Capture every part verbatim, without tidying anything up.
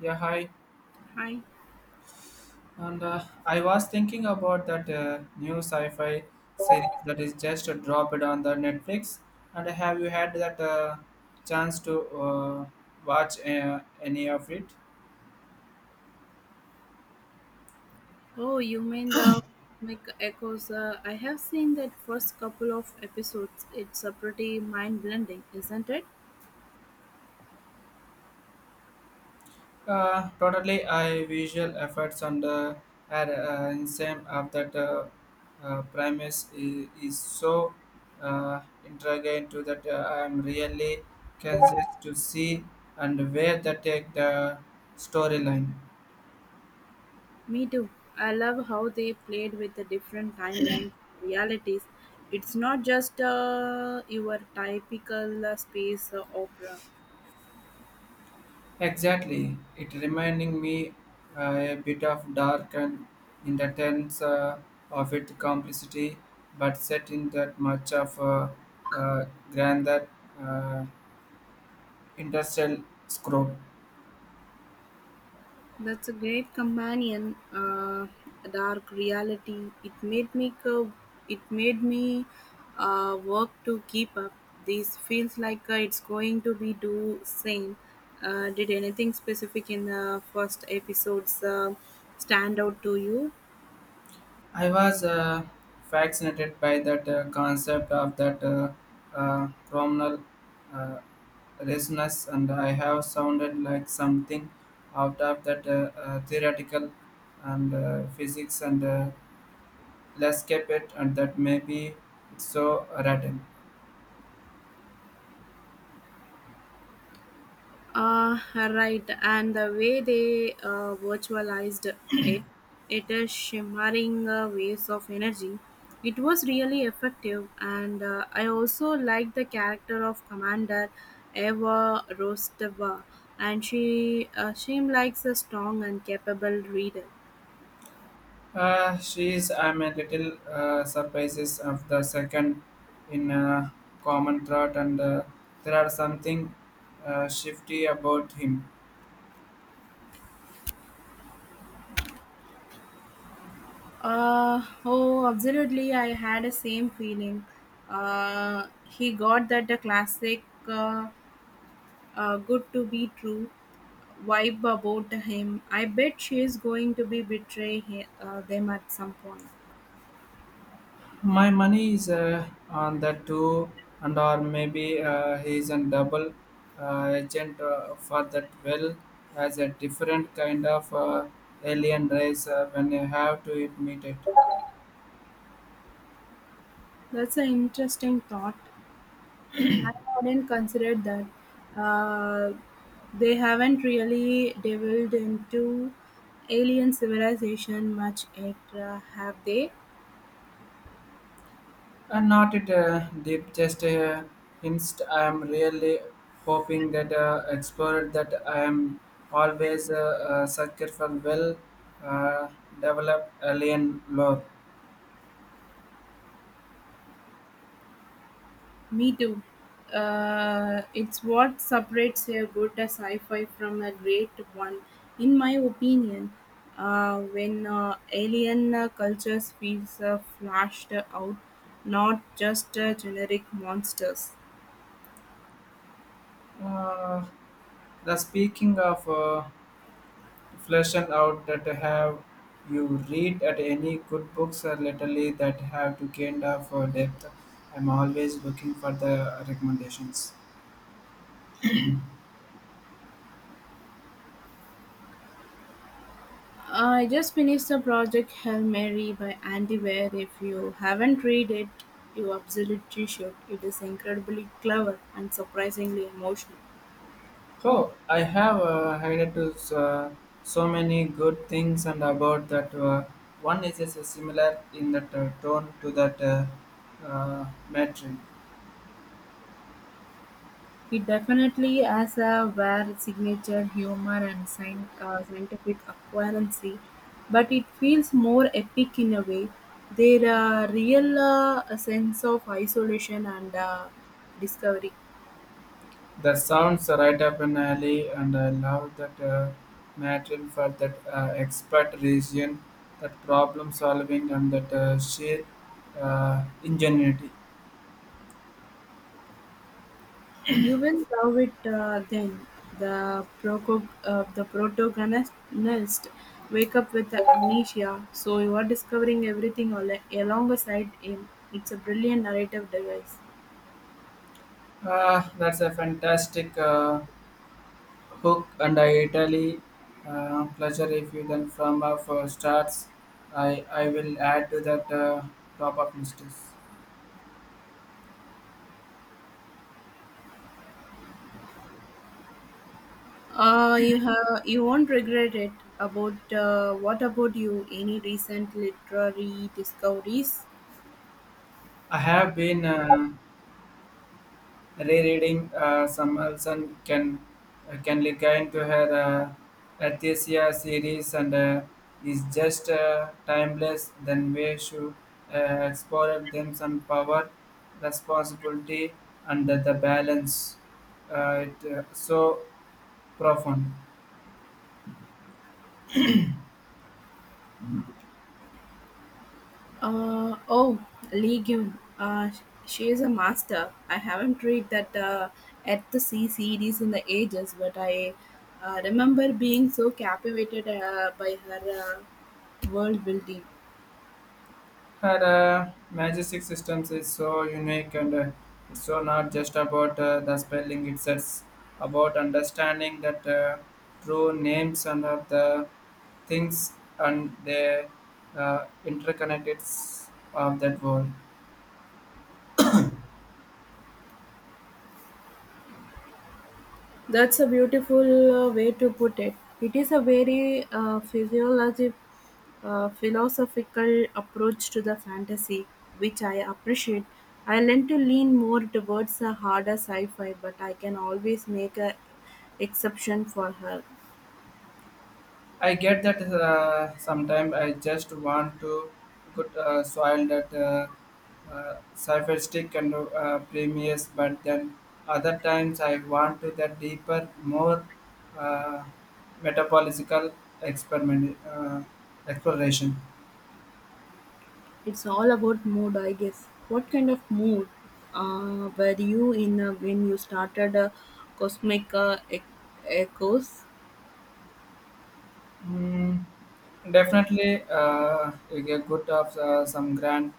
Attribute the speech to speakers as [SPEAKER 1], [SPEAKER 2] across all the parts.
[SPEAKER 1] Yeah, hi.
[SPEAKER 2] Hi.
[SPEAKER 1] And uh, I was thinking about that uh, new sci-fi series that is just dropped on the Netflix. And have you had that uh, chance to uh, watch uh, any of it?
[SPEAKER 2] Oh, you mean the Mech Echoes? Uh, I have seen that first couple of episodes. It's a pretty mind blending, isn't it?
[SPEAKER 1] Uh, totally, I visual efforts on the are uh, in same of that uh, uh, premise is, is so uh, intriguing to that uh, I am really curious to see and where they take the storyline.
[SPEAKER 2] Me too. I love how they played with the different timelines, realities. It's not just uh, your typical uh, space uh, opera.
[SPEAKER 1] Exactly, it reminding me uh, a bit of dark and in the terms uh, of its complexity, but set in that much of uh, uh, grander uh, industrial scope.
[SPEAKER 2] That's a great companion. Uh, a dark reality. It made me co- it made me uh, work to keep up. This feels like uh, it's going to be do same. Uh, did anything specific in the first episodes uh, stand out to you?
[SPEAKER 1] I was uh, fascinated by that uh, concept of that uh, uh, chrominal uh, resonance, and I have sounded like something out of that uh, uh, theoretical and uh, physics and uh, let's keep it and that may be so rotten.
[SPEAKER 2] Uh, right, and the way they uh, virtualized it, it is shimmering uh, waves of energy. It was really effective, and uh, I also like the character of Commander Eva Rostova, and she uh, seemed like a strong and capable reader.
[SPEAKER 1] Uh, she's I'm a little uh, surprises of the second in a common thought and uh, there are something uh, shifty about him.
[SPEAKER 2] Uh, oh, absolutely, I had the same feeling. Uh, he got that the classic uh, uh, good to be true vibe about him. I bet she is going to be betray he, uh, them at some point.
[SPEAKER 1] My money is uh, on the two and or maybe uh, he is a double uh, agent uh, for that well as a different kind of uh, alien race uh, when you have to admit it.
[SPEAKER 2] That's an interesting thought. I hadn't considered that. Uh, they haven't really delved into alien civilization much yet, uh, have they?
[SPEAKER 1] And not it uh, deep, just uh, hints. I am really hoping that uh, explored that I am always a uh, uh, sucker for well uh, developed alien lore.
[SPEAKER 2] Me too. Uh, it's what separates a good sci-fi from a great one, in my opinion. Uh, when uh, alien uh, cultures feels uh, flashed out, not just uh, generic monsters.
[SPEAKER 1] Uh, the speaking of uh, fleshing out that have you read at any good books or literally that have to kind of uh, depth. I'm always looking for the recommendations.
[SPEAKER 2] Uh, I just finished the project Hail Mary by Andy Weir. If you haven't read it, you absolutely should. It is incredibly clever and surprisingly emotional.
[SPEAKER 1] Oh, I have uh, heard to, uh, so many good things and about that. Uh, one is uh, similar in that uh, tone to that uh, uh, matron.
[SPEAKER 2] It definitely has a rare signature humor and scien- uh, scientific accuracy, but it feels more epic in a way. There are real uh, sense of isolation and uh, discovery.
[SPEAKER 1] The sounds are right up an alley, and I love that uh, matron for that uh, expert region, that problem solving, and that uh, sheer uh, ingenuity.
[SPEAKER 2] You will love it uh, then. The proco- uh, the protagonist wake up with amnesia, so you are discovering everything al- alongside him. It's a brilliant narrative device.
[SPEAKER 1] Ah, that's a fantastic. Uh, Hook and I Italy uh, pleasure if you then from uh, for starts I, I will add to that uh, top of lists.
[SPEAKER 2] Uh, you have you won't regret it. About uh, what about you? Any recent literary discoveries?
[SPEAKER 1] I have been uh, rereading uh, some Olson can uh, can look into her uh, Athesia series and uh, is just uh, timeless then we should uh, explore them some power responsibility and the, the balance uh, it, uh, so profound.
[SPEAKER 2] Uh, oh, Lee Gyun. Uh, sh- she is a master. I haven't read that uh, at the C series in the ages, but I uh, remember being so captivated uh, by her uh, world building.
[SPEAKER 1] Her uh, majestic systems is so unique and uh, it's so not just about uh, the spelling, it's just about understanding that uh, true names and of the things and their uh, interconnected of that world.
[SPEAKER 2] That's a beautiful uh, way to put it. It is a very uh, physiologic, uh, philosophical approach to the fantasy, which I appreciate. I learn to lean more towards a harder sci-fi, but I can always make a exception for her.
[SPEAKER 1] I get that uh, sometimes I just want to good uh, soil that uh, uh, sarcastic and uh, premious, but then other times I want to that deeper, more uh, metabolical experiment uh, exploration.
[SPEAKER 2] It's all about mood, I guess. What kind of mood uh, were you in uh, when you started uh, Cosmic uh, Ec- Echoes?
[SPEAKER 1] Mm, definitely, uh, you get good of uh, some grand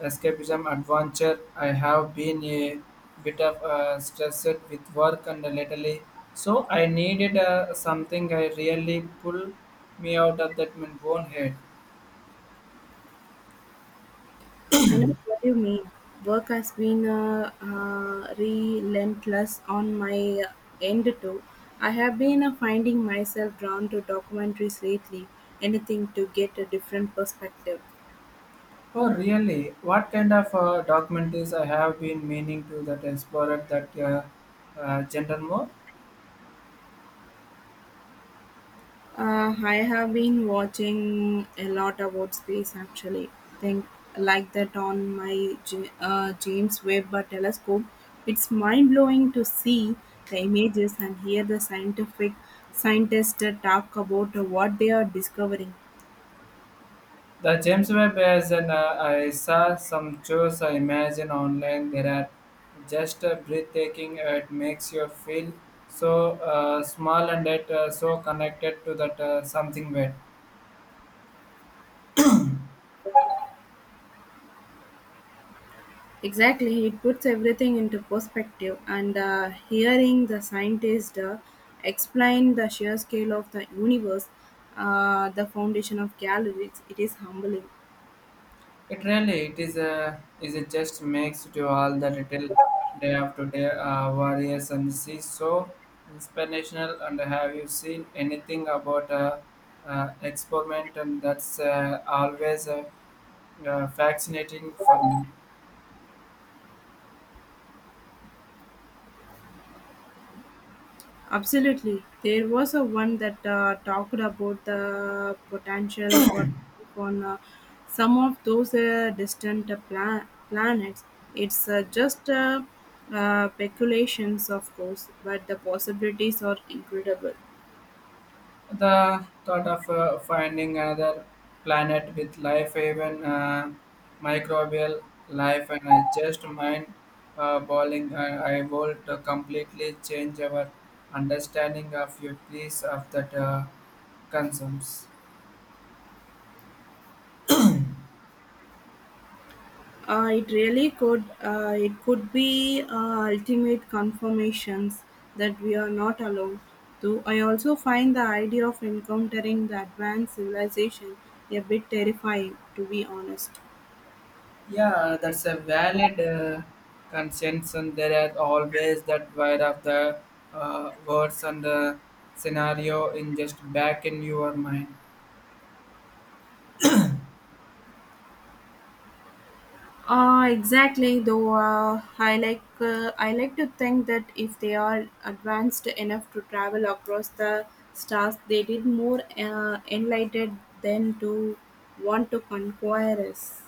[SPEAKER 1] escapism adventure. I have been a bit of uh, stressed with work and lately, so I needed uh, something I really pull me out of that my own head.
[SPEAKER 2] I know what you mean. Work has been uh, uh, relentless on my end too. I have been uh, finding myself drawn to documentaries lately, anything to get a different perspective.
[SPEAKER 1] Oh, really? What kind of uh, documentaries I have been meaning to that explorer that uh, uh, gender more?
[SPEAKER 2] Uh, I have been watching a lot about space actually. Think like that on my J- uh, James Webb uh, telescope. It's mind blowing to see the images and hear the scientific scientists talk about what they are discovering.
[SPEAKER 1] The James Webb is an uh, I saw some shows I imagine online. There are just uh, breathtaking. Uh, it makes you feel so uh, small and that uh, so connected to that uh, something wet.
[SPEAKER 2] Exactly, it puts everything into perspective, and uh, hearing the scientist uh, explain the sheer scale of the universe, uh, the foundation of galaxies, it is humbling.
[SPEAKER 1] It really it is a is it just makes to all the little day after day uh, warriors and see so inspirational. And have you seen anything about uh, uh, experiment and that's uh, always uh, uh, fascinating for me.
[SPEAKER 2] Absolutely. There was a one that uh, talked about the potential for life on uh, some of those uh, distant uh, pla- planets. It's uh, just uh, uh, speculations, of course, but the possibilities are incredible.
[SPEAKER 1] The thought of uh, finding another planet with life, even uh, microbial life, and I just mind uh, boiling. I, I would completely change our understanding of your please of that uh, concerns.
[SPEAKER 2] Uh, it really could. Uh, it could be uh, ultimate confirmations that we are not alone. Though I also find the idea of encountering the advanced civilization a bit terrifying, to be honest.
[SPEAKER 1] Yeah, that's a valid uh, conscience, and there are always that wide of the uh, words and uh, scenario in just back in your mind.
[SPEAKER 2] Uh, exactly. Though uh, I like uh, I like to think that if they are advanced enough to travel across the stars, they did more uh, enlightened than to want to conquer us.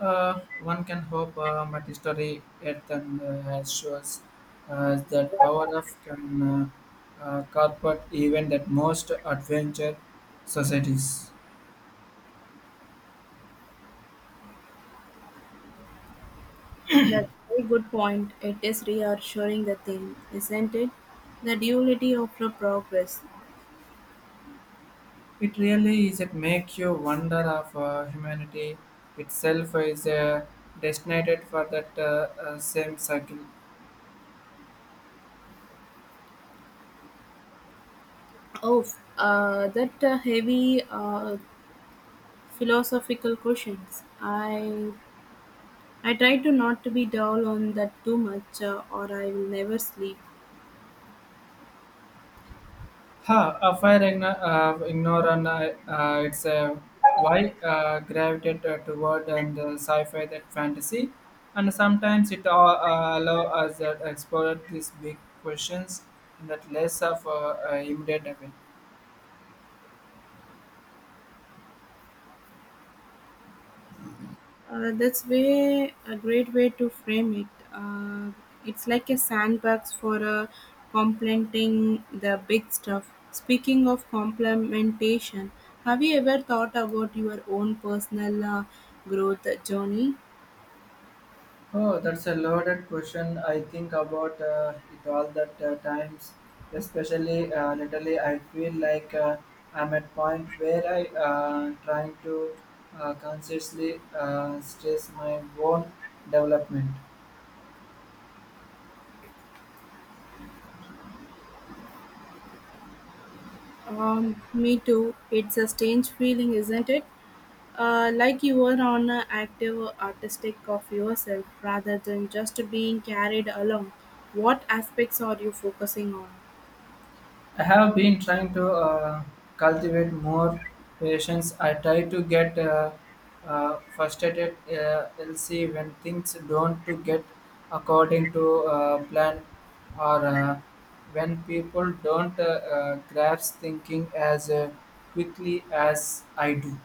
[SPEAKER 1] Uh, one can hope, uh, but history yet and uh, has shows uh, that power of can uh, uh, corporate even that most adventure societies.
[SPEAKER 2] That's a very good point. It is reassuring the thing, isn't it? The duality of the progress.
[SPEAKER 1] It really is it make you wonder of uh, humanity itself is uh, destined for that uh, uh, same cycle.
[SPEAKER 2] Oh, uh, that uh, heavy uh, philosophical questions. I I try to not to be dull on that too much, uh, or I will never sleep.
[SPEAKER 1] Ha, a fire igno- uh, ignorant, uh, uh, it's a why uh, gravitate uh, toward and uh, sci-fi that fantasy, and sometimes it all, uh, allow us to explore these big questions in that less of uh, uh, immediate way.
[SPEAKER 2] Uh, that's way a great way to frame it. Uh, it's like a sandbox for uh, complementing the big stuff. Speaking of complementation, have you ever thought about your own personal uh, growth journey?
[SPEAKER 1] Oh, that's a loaded question. I think about uh, it all that uh, times, especially uh, lately. I feel like uh, I'm at point where I uh, trying to uh, consciously uh, stress my own development.
[SPEAKER 2] Um, me too. It's a strange feeling, isn't it? Uh, like you were on an active artistic of yourself rather than just being carried along. What aspects are you focusing on?
[SPEAKER 1] I have been trying to uh, cultivate more patience. I try to get uh, uh, frustrated, uh, L C, when things don't to get according to uh, plan, or uh, when people don't uh, uh, grasp thinking as uh, quickly as I do.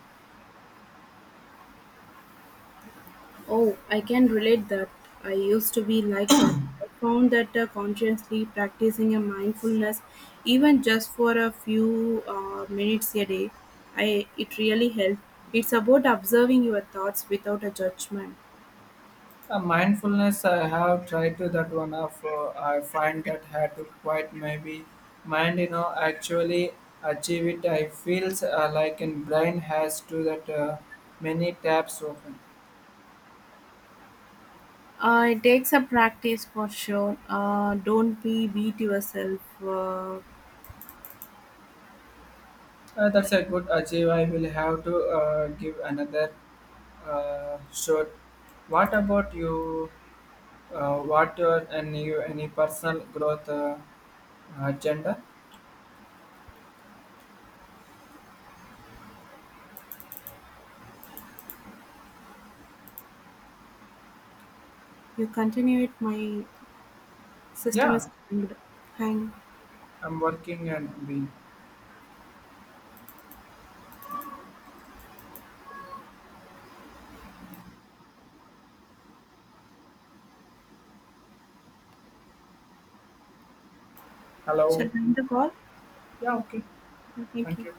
[SPEAKER 2] Oh, I can relate that. I used to be like that. I found that uh, consciously practicing a mindfulness, even just for a few uh, minutes a day, I it really helped. It's about observing your thoughts without a judgment.
[SPEAKER 1] Uh, mindfulness, I have tried to that one of. Uh, I find that had to quite maybe mind, you know, actually achieve it. I feels uh, like in brain has to that uh, many tabs open.
[SPEAKER 2] Uh, it takes a practice for sure. Uh, don't be beat yourself. Uh,
[SPEAKER 1] Uh, that's a good achieve. I will have to uh, give another uh, shot. What about you? Uh, what your and you any personal growth uh, agenda?
[SPEAKER 2] you continue it. My system
[SPEAKER 1] Yeah,
[SPEAKER 2] is hanged. Hang.
[SPEAKER 1] I'm working and being.
[SPEAKER 2] Shall
[SPEAKER 1] Hello.
[SPEAKER 2] I end the call?
[SPEAKER 1] Yeah. Okay.
[SPEAKER 2] Yeah, thank
[SPEAKER 1] Thank
[SPEAKER 2] you.
[SPEAKER 1] you.